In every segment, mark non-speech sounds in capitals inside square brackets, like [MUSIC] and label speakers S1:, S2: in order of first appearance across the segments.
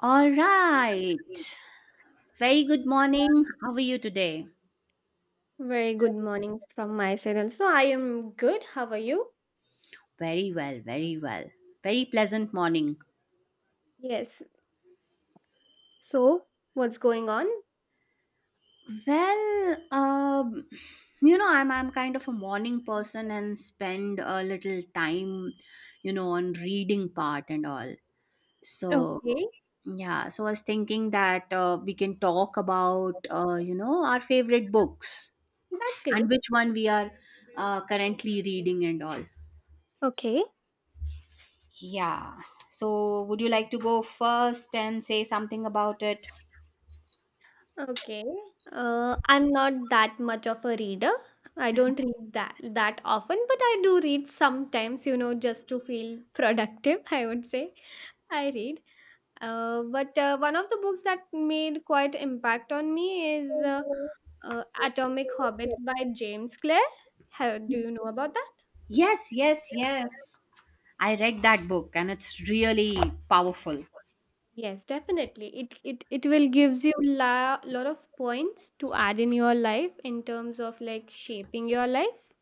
S1: All right. Very good morning. How are you today?
S2: Very good morning from my side also. I am good. How are you?
S1: Very well, very well. Very pleasant morning.
S2: Yes. So, what's going on?
S1: Well, um, I'm kind of a morning person and spend a little time, on reading part and all. So,
S2: Okay.
S1: yeah, so I was thinking that we can talk about, our favorite books
S2: That's
S1: and
S2: great.
S1: which one we are currently reading and all.
S2: Okay.
S1: Yeah. So, would you like to go first and say something about it?
S2: Okay. I'm not that much of a reader. I don't read that often, but I do read sometimes, just to feel [LAUGHS] productive, I would say. I read. But one of the books that made quite impact on me is Atomic Hobbits by James Clear. Do you know about that?
S1: Yes, yes, yes. I read that book and it's really powerful.
S2: Yes, definitely. It will gives you la lot of points to add in your life in terms of like shaping your life.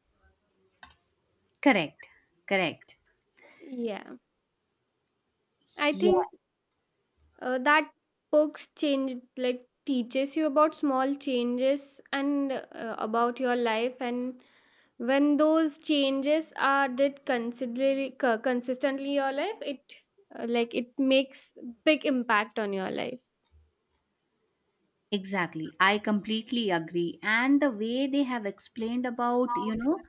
S1: Correct. Correct.
S2: Yeah, I
S1: Yeah,
S2: think that books change like teaches you about small changes and about your life. And when those changes are did considerably consistently in your life, it like it makes big impact on your life.
S1: exactly. I completely agree. And the way they have explained about, you know,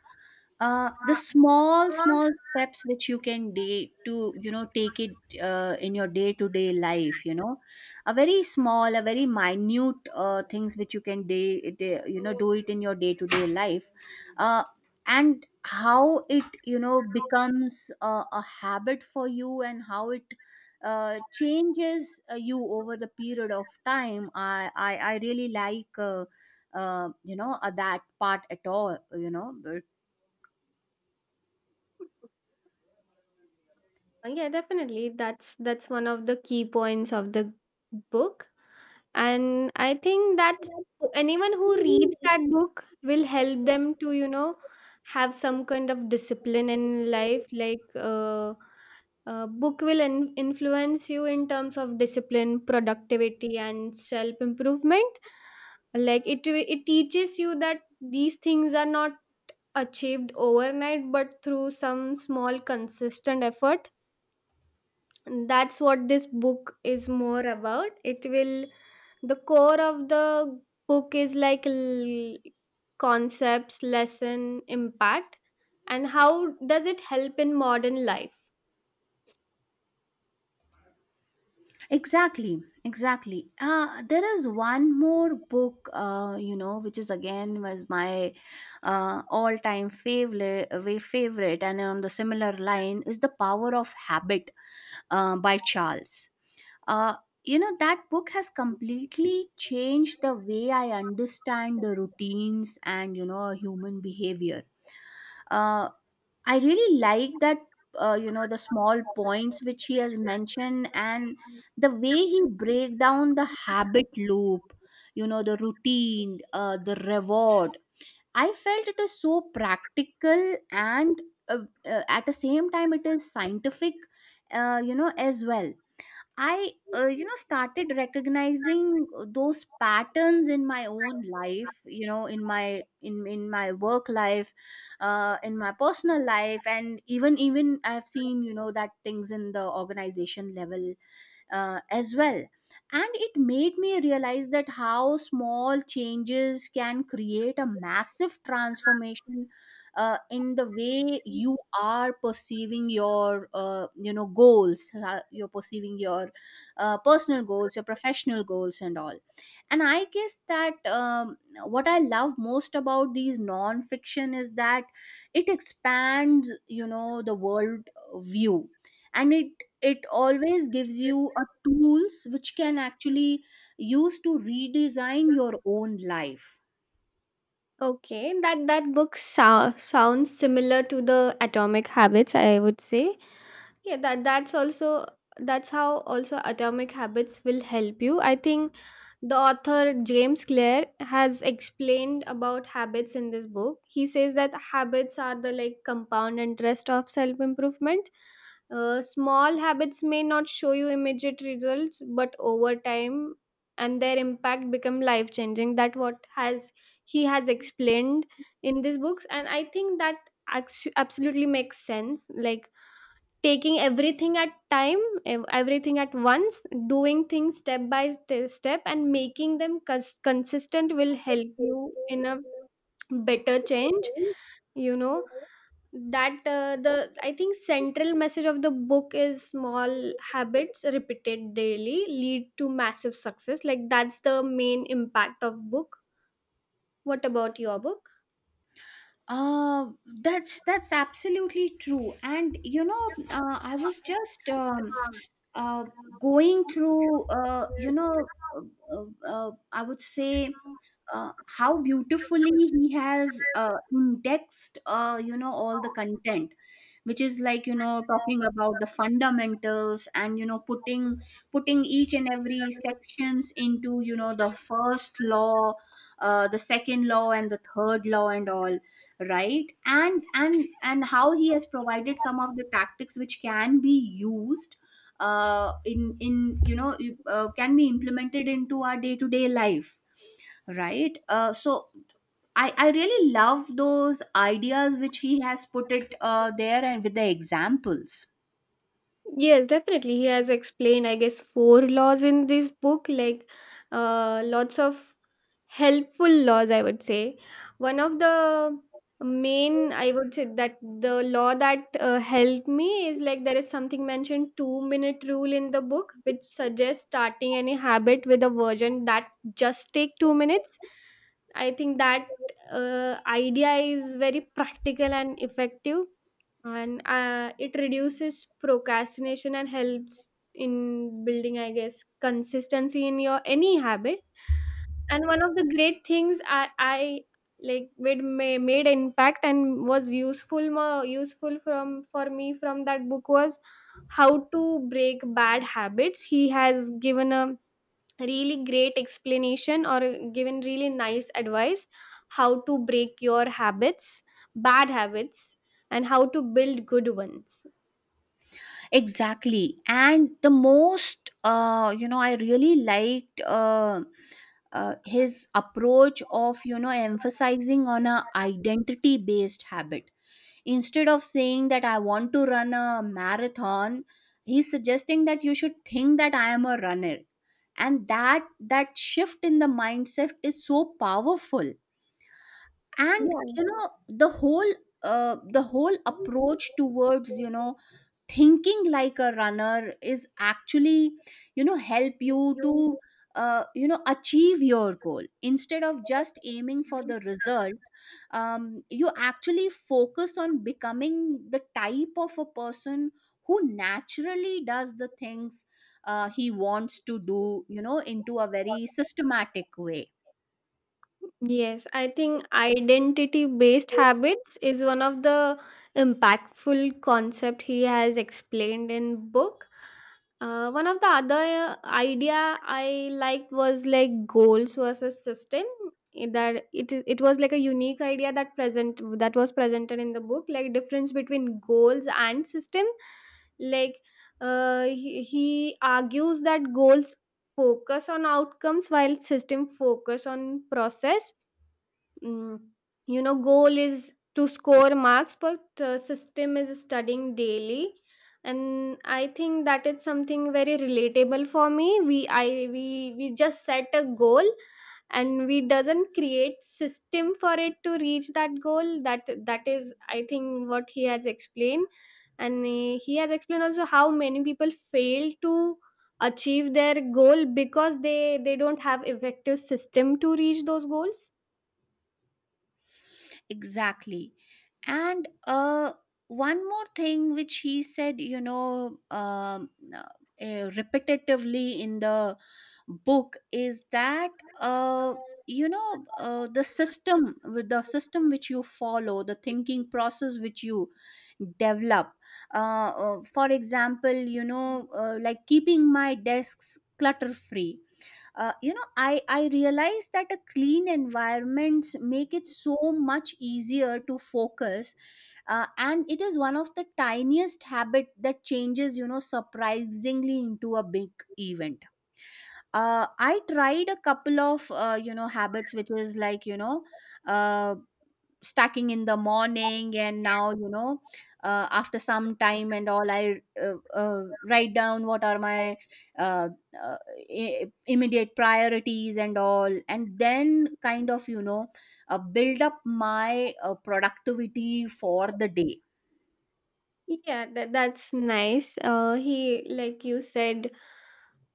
S1: uh, the small small steps which you can day to take it, in your day to day life, a very small, a very minute things which you can day, day, do it in your day to day life, uh, and how it becomes a habit for you and how it changes you over the period of time. I really like, that part at all, you know.
S2: Yeah, definitely. That's one of the key points of the book. And I think that anyone who reads that book will help them to have some kind of discipline in life. Like book will influence you in terms of discipline productivity and self improvement. Like it teaches you that these things are not achieved overnight but through some small consistent effort. That's what this book is more about. It will The core of the book is like concepts lesson impact, and how does it help in modern life.
S1: Exactly, exactly. There is one more book, which is again was my all-time favorite, way favorite, and on the similar line is The Power of Habit, by Charles. Uh, that book has completely changed the way I understand the routines and, you know, human behavior. Uh, I really like that, the small points which he has mentioned and the way he break down the habit loop, you know, the routine, the reward. I felt it is so practical and, uh, at the same time it is scientific, you know, as well. Started recognizing, those patterns in my own life, you know, in my in my work life, in my personal life, and even I've seen, you know, that things in the organization level, as well, and it made me realize that how small changes can create a massive transformation, in the way you are perceiving your, goals, you're perceiving your personal goals, your professional goals and all. And I guess that, what I love most about these non-fiction is that it expands, you know, the world view, and it always gives you a tools which can actually use to redesign your own life.
S2: Okay, that book sounds similar to the atomic habits, I would say. Yeah, that's how also atomic habits will help you. I think the author James Clear has explained about habits in this book. He says that habits are the like compound interest of self improvement. Small habits may not show you immediate results, but over time and their impact become life changing. That what has he has explained in these books. And I think that absolutely makes sense. Like taking everything at time, everything at once, doing things step by step and making them consistent will help you in a better change. you know that, the, I think, central message of the book is small habits repeated daily lead to massive success. Like that's the main impact of book. What about your book?
S1: uh that's absolutely true. And, I was just, uh, going through, I would say, uh, how beautifully he has, indexed, all the content, which is like, you know, talking about the fundamentals and, you know, putting each and every sections into, you know, the first law, the second law, and the third law and all right. And how he has provided some of the tactics which can be used, in, you know, can be implemented into our day to day life, right? So I really love those ideas which he has put it, there and with the examples.
S2: Yes, definitely. He has explained, I guess, four laws in this book. Like lots of helpful laws, I would say. One of the main, I would say, that the law that helped me is like there is something mentioned 2-minute rule in the book which suggests starting any habit with a version that just take 2 minutes. I think that idea is very practical and effective. And it reduces procrastination and helps in building, I guess, consistency in your any habit. And one of the great things, I like made impact and was useful, more useful from for me from that book was how to break bad habits. He has given a really great explanation or given really nice advice how to break your habits, bad habits, and how to build good ones.
S1: Exactly. And the most, I really liked, his approach of, you know, emphasizing on a identity based habit. Instead of saying that I want to run a marathon, he's suggesting that you should think that I am a runner. And that shift in the mindset is so powerful. And
S2: Yeah,
S1: you know the whole, the whole approach towards, you know, thinking like a runner is actually, you know, help you to, achieve your goal instead of just aiming for the result. You actually focus on becoming the type of a person who naturally does the things he wants to do, you know, into a very systematic way.
S2: yes, I think identity based habits is one of the impactful concept he has explained in book. One of the other idea I liked was like goals versus system. That it was like a unique idea that present that was presented in the book, like difference between goals and system. Like he argues that goals focus on outcomes while system focus on process. mm, Goal is to score marks, but system is studying daily. And I think that is something very relatable for me. We i we we just set a goal and we doesn't create system for it to reach that goal. That is, I think, what he has explained. And he has explained also how many people fail to achieve their goal because they don't have effective system to reach those goals.
S1: Exactly. And one more thing which he said, uh, repetitively in the book is that, uh, the system, with the system which you follow, the thinking process which you develop. For example, like keeping my desks clutter free, I realize that a clean environments make it so much easier to focus, and it is one of the tiniest habit that changes, you know, surprisingly into a big event. I tried a couple of, habits which is like, uh, stacking in the morning, and now, you know, after some time and all, I write down what are my, uh, uh, immediate priorities and all, and then kind of, build up my, productivity for the day.
S2: Yeah, that's nice. Like you said,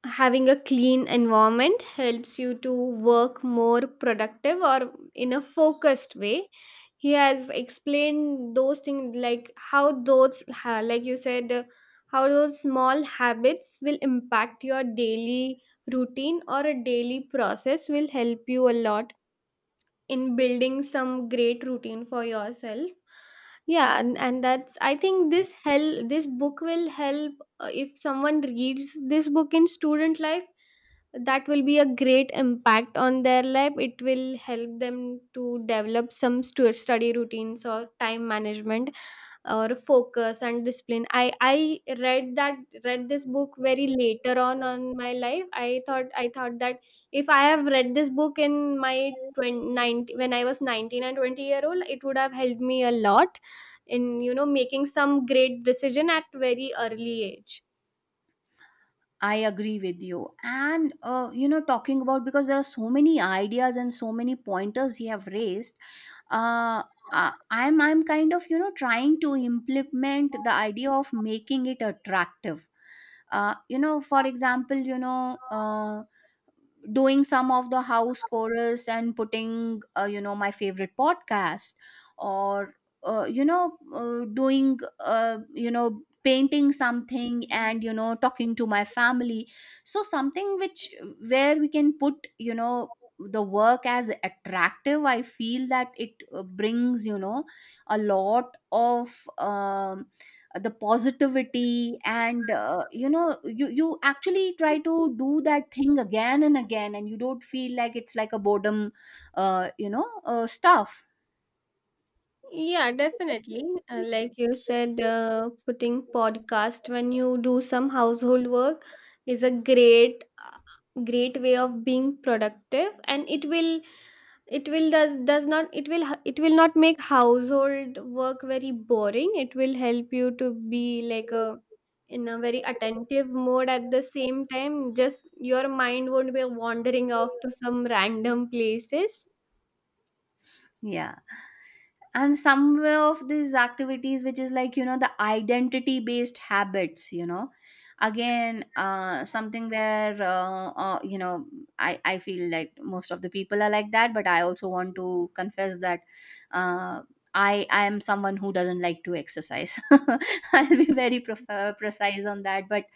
S2: having a clean environment helps you to work more productive or in a focused way. He has explained those things like how like you said, how those small habits will impact your daily routine or a daily process will help you a lot in building some great routine for yourself. Yeah, and that's, I think, this help this book will help if someone reads this book in student life. That will be a great impact on their life. It will help them to develop some study routines or time management or focus and discipline. I read that, read this book very later on my life. I thought that if I have read this book in my 20, 19 when I
S1: [LAUGHS]
S2: was 19 and 20-year old, it would have helped me a lot in making some great decision at very early age.
S1: I agree with you. And, talking about because there are so many ideas and so many pointers you have raised, uh, I'm kind of, you know, trying to implement the idea of making it attractive. For example, doing some of the house chorus and putting, my favorite podcast, or, doing, painting something, and, you know, talking to my family, so something which where we can put, you know, the work as attractive. I feel that it, brings, you know, a lot of, the positivity. And, you actually try to do that thing again and again, and you don't feel like it's like a boredom, stuff.
S2: Yeah, definitely. Like you said, putting podcast when you do some household work is a great great way of being productive. And it will, does not, it will not make household work very boring. It will help you to be like a, in a very attentive mode, at the same time just your mind won't be wandering off to some random places.
S1: Yeah. And some way of these activities which is like, you know, the identity based habits, you know, again, something where, I feel like most of the people are like that, but I also want to confess that, uh, I am someone who doesn't like to exercise [LAUGHS] I'll be very precise on that. But,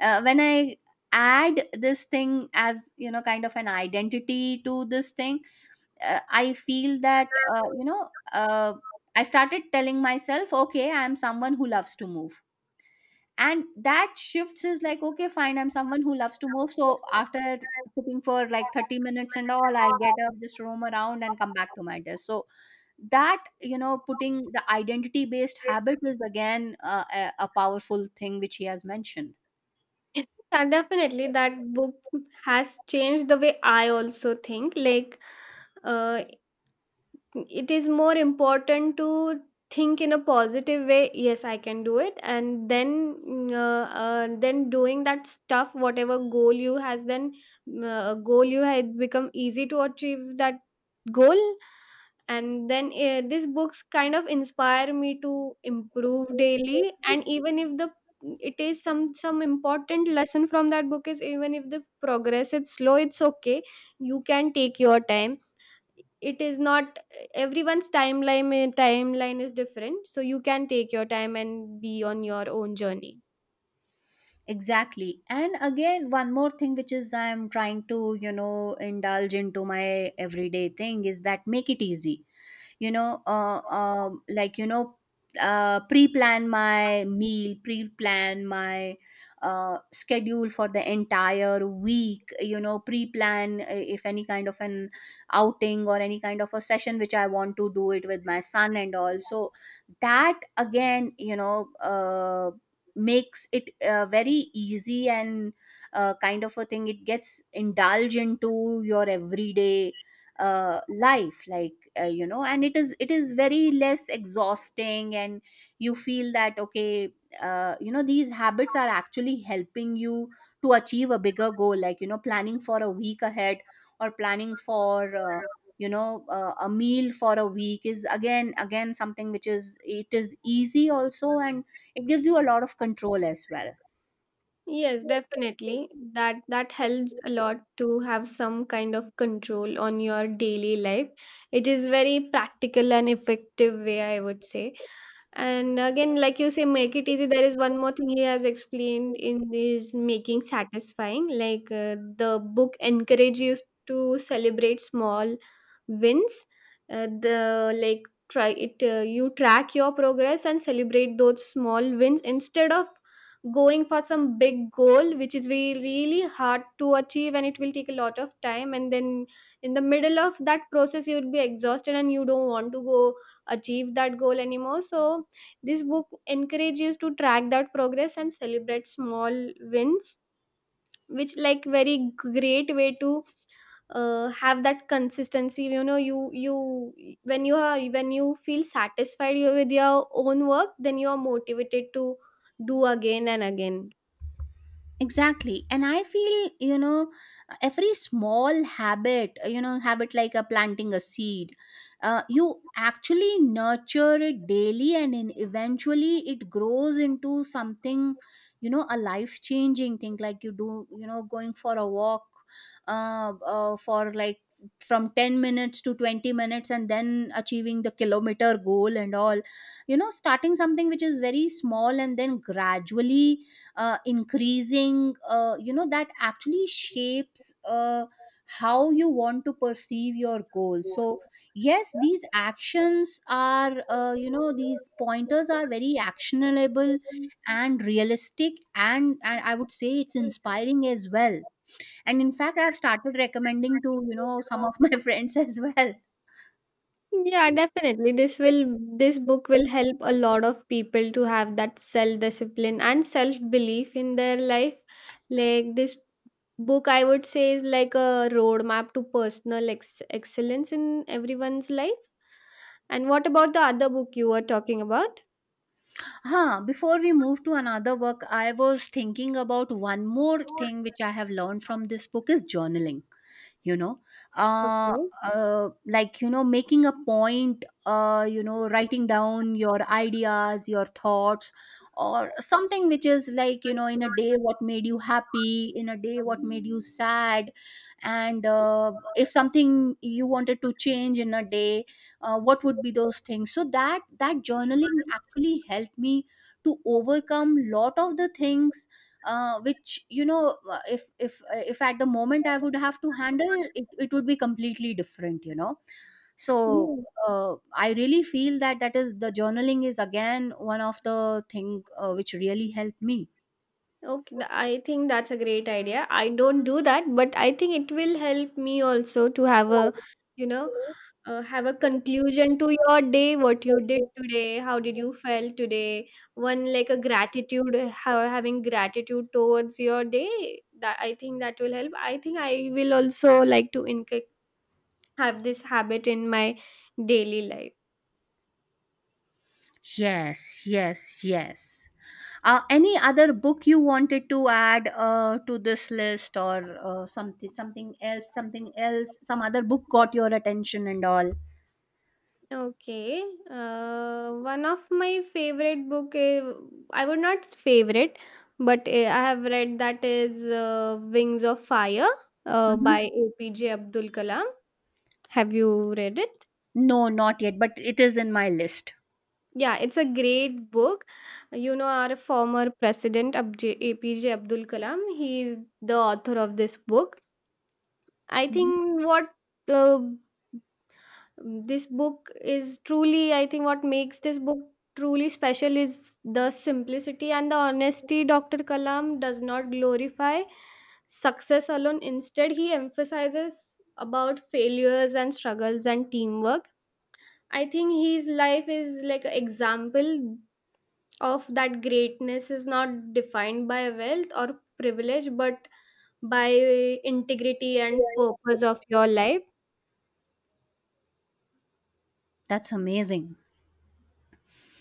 S1: when I add this thing as, you know, kind of an identity to this thing, I feel that, uh, I started telling myself, okay, I am someone who loves to move. And that shifts is like, okay, fine, I'm someone who loves to move. So after sitting for like 30 minutes and all, I'll get up, just roam around and come back to my desk. So that, you know, putting the identity based habit is again, a powerful thing which he has mentioned.
S2: [LAUGHS] That definitely that book has changed the way I also think. Like uh, it is more important to think in a positive way. Yes, I can do it. And then doing that stuff, whatever goal you has, then goal you had become easy to achieve that goal. And then these books kind of inspire me to improve daily. And even if the it is some important lesson from that book is even if the progress is slow, it's okay. You can take your time. It is not everyone's timeline. Timeline is different. So you can take your time and be on your own journey.
S1: Exactly. And again, one more thing which is I'm trying to, you know, indulge into my everyday thing is that make it easy, like, you know, pre-plan my meal, pre-plan my, schedule for the entire week, you know, pre-plan, if any kind of an outing or any kind of a session which I want to do it with my son and all. So that again, makes it, very easy, and, kind of a thing it gets indulged into your everyday, life, like, you know, and it is, very less exhausting, and you feel that, okay, you know, these habits are actually helping you to achieve a bigger goal, like, you know, planning for a week ahead, or planning for, a meal for a week is again something which is it is easy also, and it gives you a lot of control as well.
S2: Yes, definitely. That helps a lot to have some kind of control on your daily life. It is very practical and effective way, I would say. And again, like you say, make it easy. There is one more thing he has explained in this making satisfying. Like the book encourages you to celebrate small wins. The like try it. You track your progress and celebrate those small wins instead of going for some big goal, which is really really hard to achieve and it will take a lot of time. And then in the middle of that process, you'll be exhausted and you don't want to go achieve that goal anymore. So this book encourages to track that progress and celebrate small wins, which like very great way to have that consistency. You know, you when you are when you feel satisfied, with your own work, then you are motivated to do again and again.
S1: Exactly. And I feel, every small habit, habit like a planting a seed, you actually nurture it daily and in eventually it grows into something, a life changing thing like you do, going for a walk for like from 10 minutes to 20 minutes and then achieving the kilometer goal and all, starting something which is very small and then gradually increasing that actually shapes how you want to perceive your goal. So yes, these actions are, these pointers are very actionable and realistic, and I would say it's inspiring as well, and in fact I've started recommending to some of my [LAUGHS] friends as well.
S2: Yeah, definitely. This book will help a lot of people to have that self discipline and self belief in their life. Like this book, I would say, is like a roadmap to personal excellence in everyone's life. And what about the other book you were talking about?
S1: Huh, before we move to another work, I was thinking about one more thing which I have learned from this book is journaling, you know uh,
S2: Okay.
S1: like making a point, writing down your ideas, your thoughts, or something which is like in a day what made you happy, in a day what made you sad, and if something you wanted to change in a day, what would be those things. So that that journaling actually helped me to overcome lot of the things which if at the moment I would have to handle it it would be completely different, so
S2: Yeah.
S1: I really feel that that is the journaling is again one of the thing which really helped me.
S2: Okay, I think that's a great idea. I don't do that, but I think it will help me also to have you know, a conclusion to your day, what you did today, how did you felt today, one like a gratitude, how having gratitude towards your day. That, I think, that will help. I think I will also like to have this habit in my daily life.
S1: Yes. Any other book you wanted to add to this list, or something else, some other book got your attention and all?
S2: Okay. One of my favorite book is, I would not favorite, but I have read that is Wings of Fire by
S1: Mhm.
S2: APJ Abdul Kalam. Have you read it?
S1: No, not yet, but it is in my list.
S2: Yeah, it's a great book. You know, our former president, APJ Abdul Kalam, he is the author of this book. I
S1: Mhm.
S2: think what uh, this book is truly, I think, what makes this book truly special is the simplicity and the honesty. Dr. Kalam does not glorify success alone. Instead, he emphasizes about failures and struggles and teamwork. I think his life is like an example of that greatness is not defined by wealth or privilege, but by integrity and purpose of your life.
S1: That's amazing.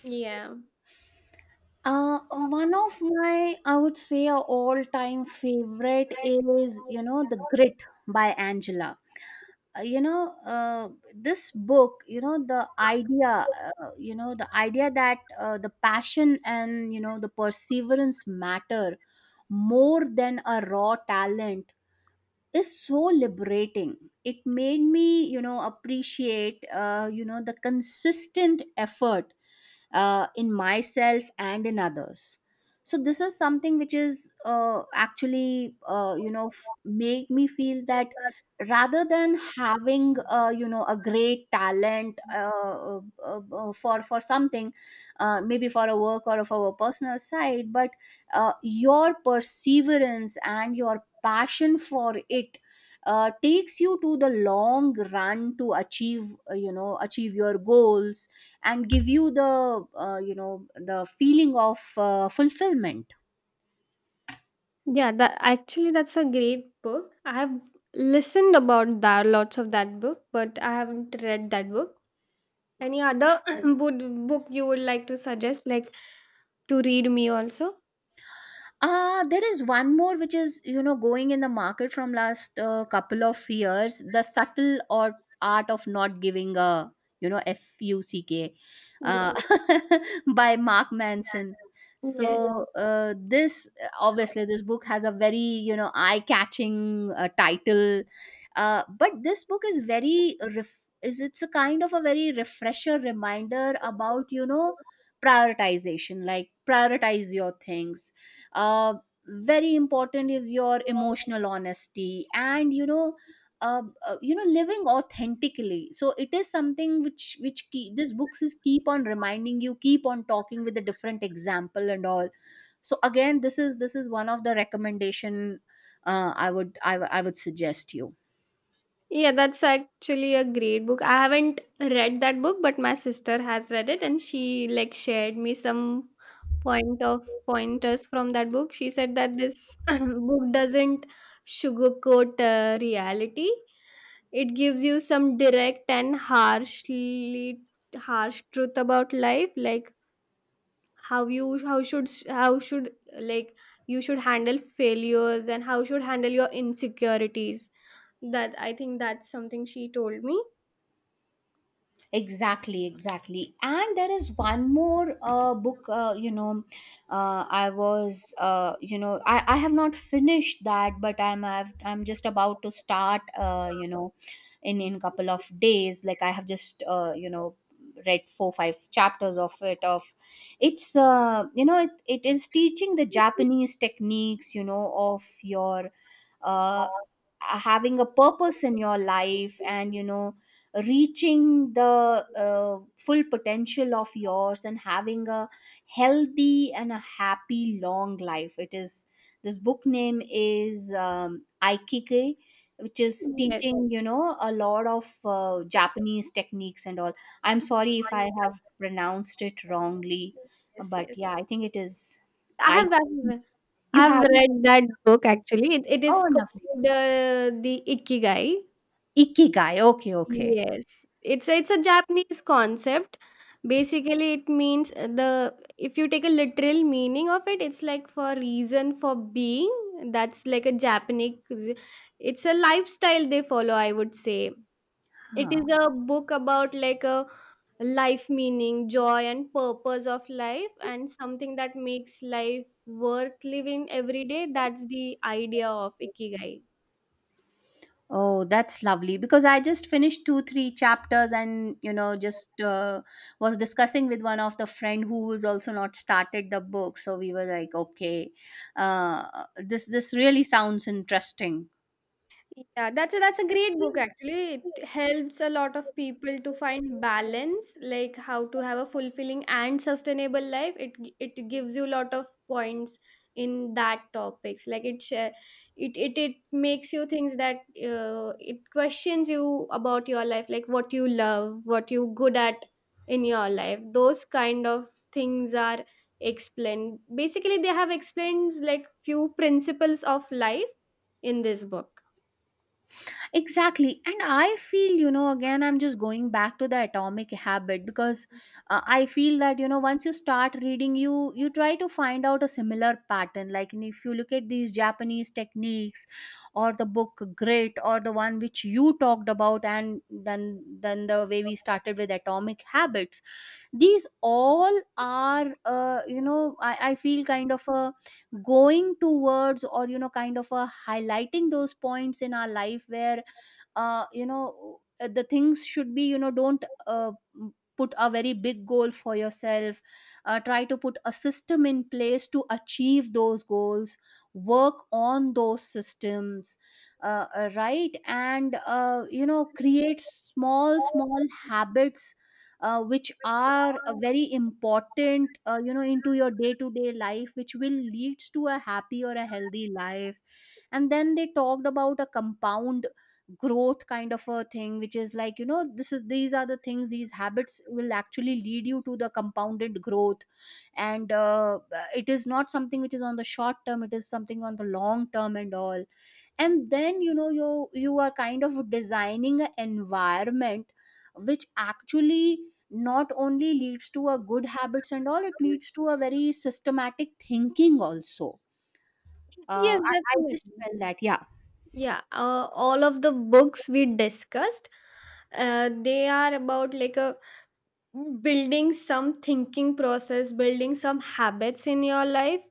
S2: Yeah.
S1: One of my, I would say, a all-time favorite is, The Grit by Angela. Uh, you know, uh, this book, the idea, the idea that the passion and, the perseverance matter more than a raw talent is so liberating. It made me appreciate the consistent effort in myself and in others. So this is something which is, actually, made me feel that rather than having, a great talent, for something, maybe for a work or for a personal side, but your perseverance and your passion for it takes you to the long run to achieve, achieve your goals, and give you the, the feeling of fulfillment.
S2: Yeah, that actually that's a great book. I have listened about that lots of that book, but I haven't read that book. Any other [CLEARS THROAT] book book you would like to suggest, like to read me also?
S1: There is one more which is going in the market from last couple of years, the subtle or art of not giving a fuck,
S2: Yeah,
S1: uh, [LAUGHS] by Mark Manson.
S2: yeah,
S1: So this, obviously this book has a very eye-catching title, but this book is very ref- is it's a kind of a very refresher reminder about prioritization, like prioritize your things, uh, very important is your emotional honesty, and uh, living authentically. So it is something which this books is keep on reminding you, keep on talking with a different example and all. So again, this is one of the recommendation I would, I would suggest you.
S2: yeah. That's actually a great book. I haven't read that book, but my sister has read it, and she like shared me some pointers from that book. She said that this [CLEARS THROAT] book doesn't sugarcoat reality. It gives you some direct and harsh truth about life, like how should, like, you should handle failures, and how should handle your insecurities. That, I think, that's something she told me.
S1: Exactly, exactly. And there is one more book, I was, I have not finished that, but I'm just about to start, in couple of days. Like I have just, read four, five chapters of it. Of it's, you know, it is teaching the Japanese techniques, of your, uh, having a purpose in your life, and reaching the full potential of yours, and having a healthy and a happy long life. It is, this book name is aikike, which is
S2: Yes,
S1: teaching a lot of Japanese techniques and all. I'm sorry if I have pronounced it wrongly,
S2: yes,
S1: but
S2: yes.
S1: yeah, I think it is.
S2: I
S1: I
S2: have I have I
S1: You
S2: have
S1: have.
S2: read that book actually. It is
S1: Oh lovely,
S2: called the Ikigai.
S1: ikigai, okay okay.
S2: Yes, it's a Japanese concept. Basically, it means the if you take a literal meaning of it, it's like for reason for being. That's like a Japanese. It's a lifestyle they follow, I would say. It
S1: Huh.
S2: is a book about like a life meaning, joy, and purpose of life, and something that makes life worth living every day. That's the idea of ikigai.
S1: Oh, that's lovely, because I just finished two, three chapters and just was discussing with one of the friend who is also not started the book. So we were like, okay, this really sounds interesting.
S2: Yeah, that's a great book actually. It helps a lot of people to find
S1: [LAUGHS]
S2: balance, like how to have a fulfilling and sustainable life. It gives you a lot of points in that topics. Like it makes you things that it questions you about your life, like what you love, what you good at in your life. Those kind of things are explained. Basically, they have explained like few principles of life in this book.
S1: Exactly. And I feel, again, I'm just going back to the atomic habit because I feel that, once you start reading, you try to find out a similar pattern. Like, and if you look at these Japanese techniques, or the book Grit, or the one which you talked about, and then the way we started with atomic habits, these all are, I feel kind of a going towards, or, kind of a highlighting those points in our life where, the things should be, don't put a very big goal for yourself, try to put a system in place to achieve those goals, work on those systems, right, and create small small habits which are very important into your day to day life, which will leads to a happy or a healthy life. And then they talked about a compound growth kind of a thing, which is like this is, these are the things, these habits will actually lead you to the compounded growth. And it is not something which is on the short term, it is something on the long term and all. And then you are kind of designing an environment which actually not only leads to a good habits and all, it leads to a very systematic thinking also.
S2: Yes,
S1: I
S2: definitely.
S1: just felt that, yeah.
S2: Yeah, all of the books we discussed, they are about like a building some thinking process, building some habits in your life,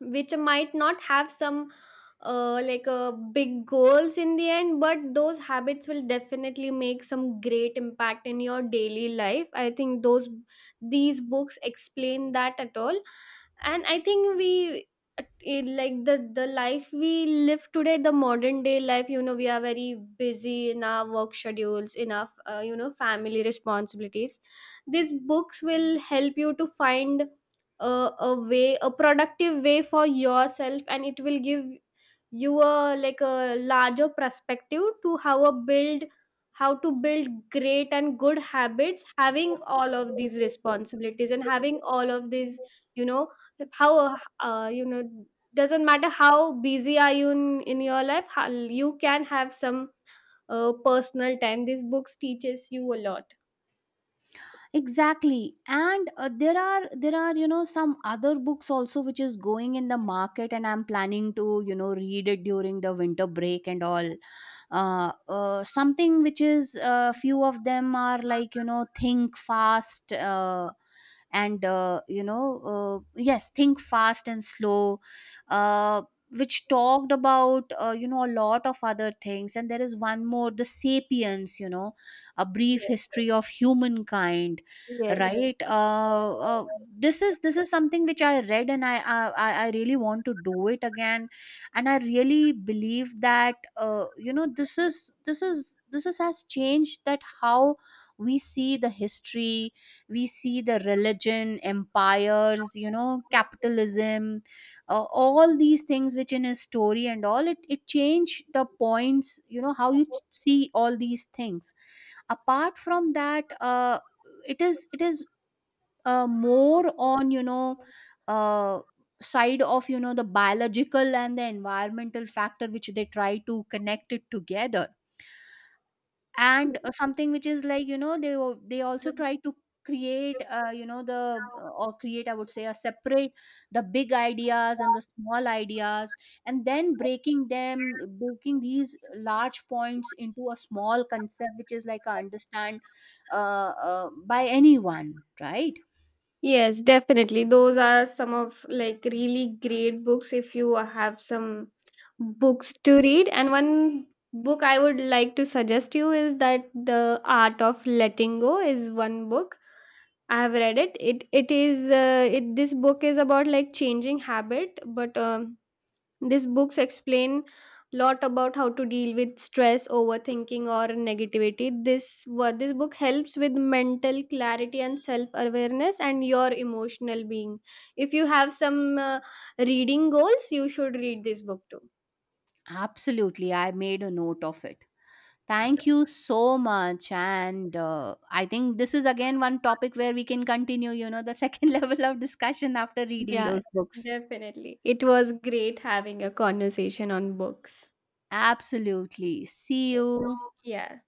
S2: which might not have some like big goals in the end. But those habits will definitely make some great impact in your daily life. I think those these books explain that at all. And I think we, it, like the life we live today, the modern day life, you know, we are very busy in our work schedules, in our you know family responsibilities. These books will help you to find a way, a productive way for yourself. And it will give you a like a larger perspective to how a build, how to build great and good habits, having all of these
S1: [LAUGHS]
S2: responsibilities and having all of these, you know, how doesn't matter how busy are you in, your life how, you can have some personal time. These books teaches you a lot.
S1: Exactly. And there are, some other books also which is going in the market, and I'm planning to read it during the winter break and all. Something which is few of them are like, think fast, and yes, think fast and slow, uh, which talked about a lot of other things. And there is one more, the sapiens, a brief
S2: Yes,
S1: history of humankind,
S2: yes.
S1: right. This is, this is something which I read, and I really want to do it again. And I really believe that this is, this is, has changed that how we see the history, we see the religion, empires, capitalism, all these things which in his story and all, it changed the points, how you see all these things. Apart from that, it is, it is more on uh, side of the biological and the environmental factor which they try to connect it together. And something which is like they they also try to create, the or create, I would say, a separate, the big ideas and the small ideas, and then breaking these large points into a small concept which is like understand by anyone, right.
S2: Yes, definitely. Those are some of like really great books if you have some books to read. And one book I would like to suggest you is that The Art of Letting Go is one book. I have read it. Is it this book is about like changing habit. But these books explain lot about how to deal with stress, overthinking, or negativity. This what this book helps with mental clarity and self awareness and your emotional being. If you have some reading goals, you should read this book too.
S1: Absolutely, I made a note of it. Thank you so much. And I think this is again one topic where we can continue, the second [LAUGHS] level of discussion after reading
S2: Yeah,
S1: those books.
S2: definitely. It was great having a conversation on books.
S1: Absolutely. See
S2: Yes.
S1: you.
S2: Yeah.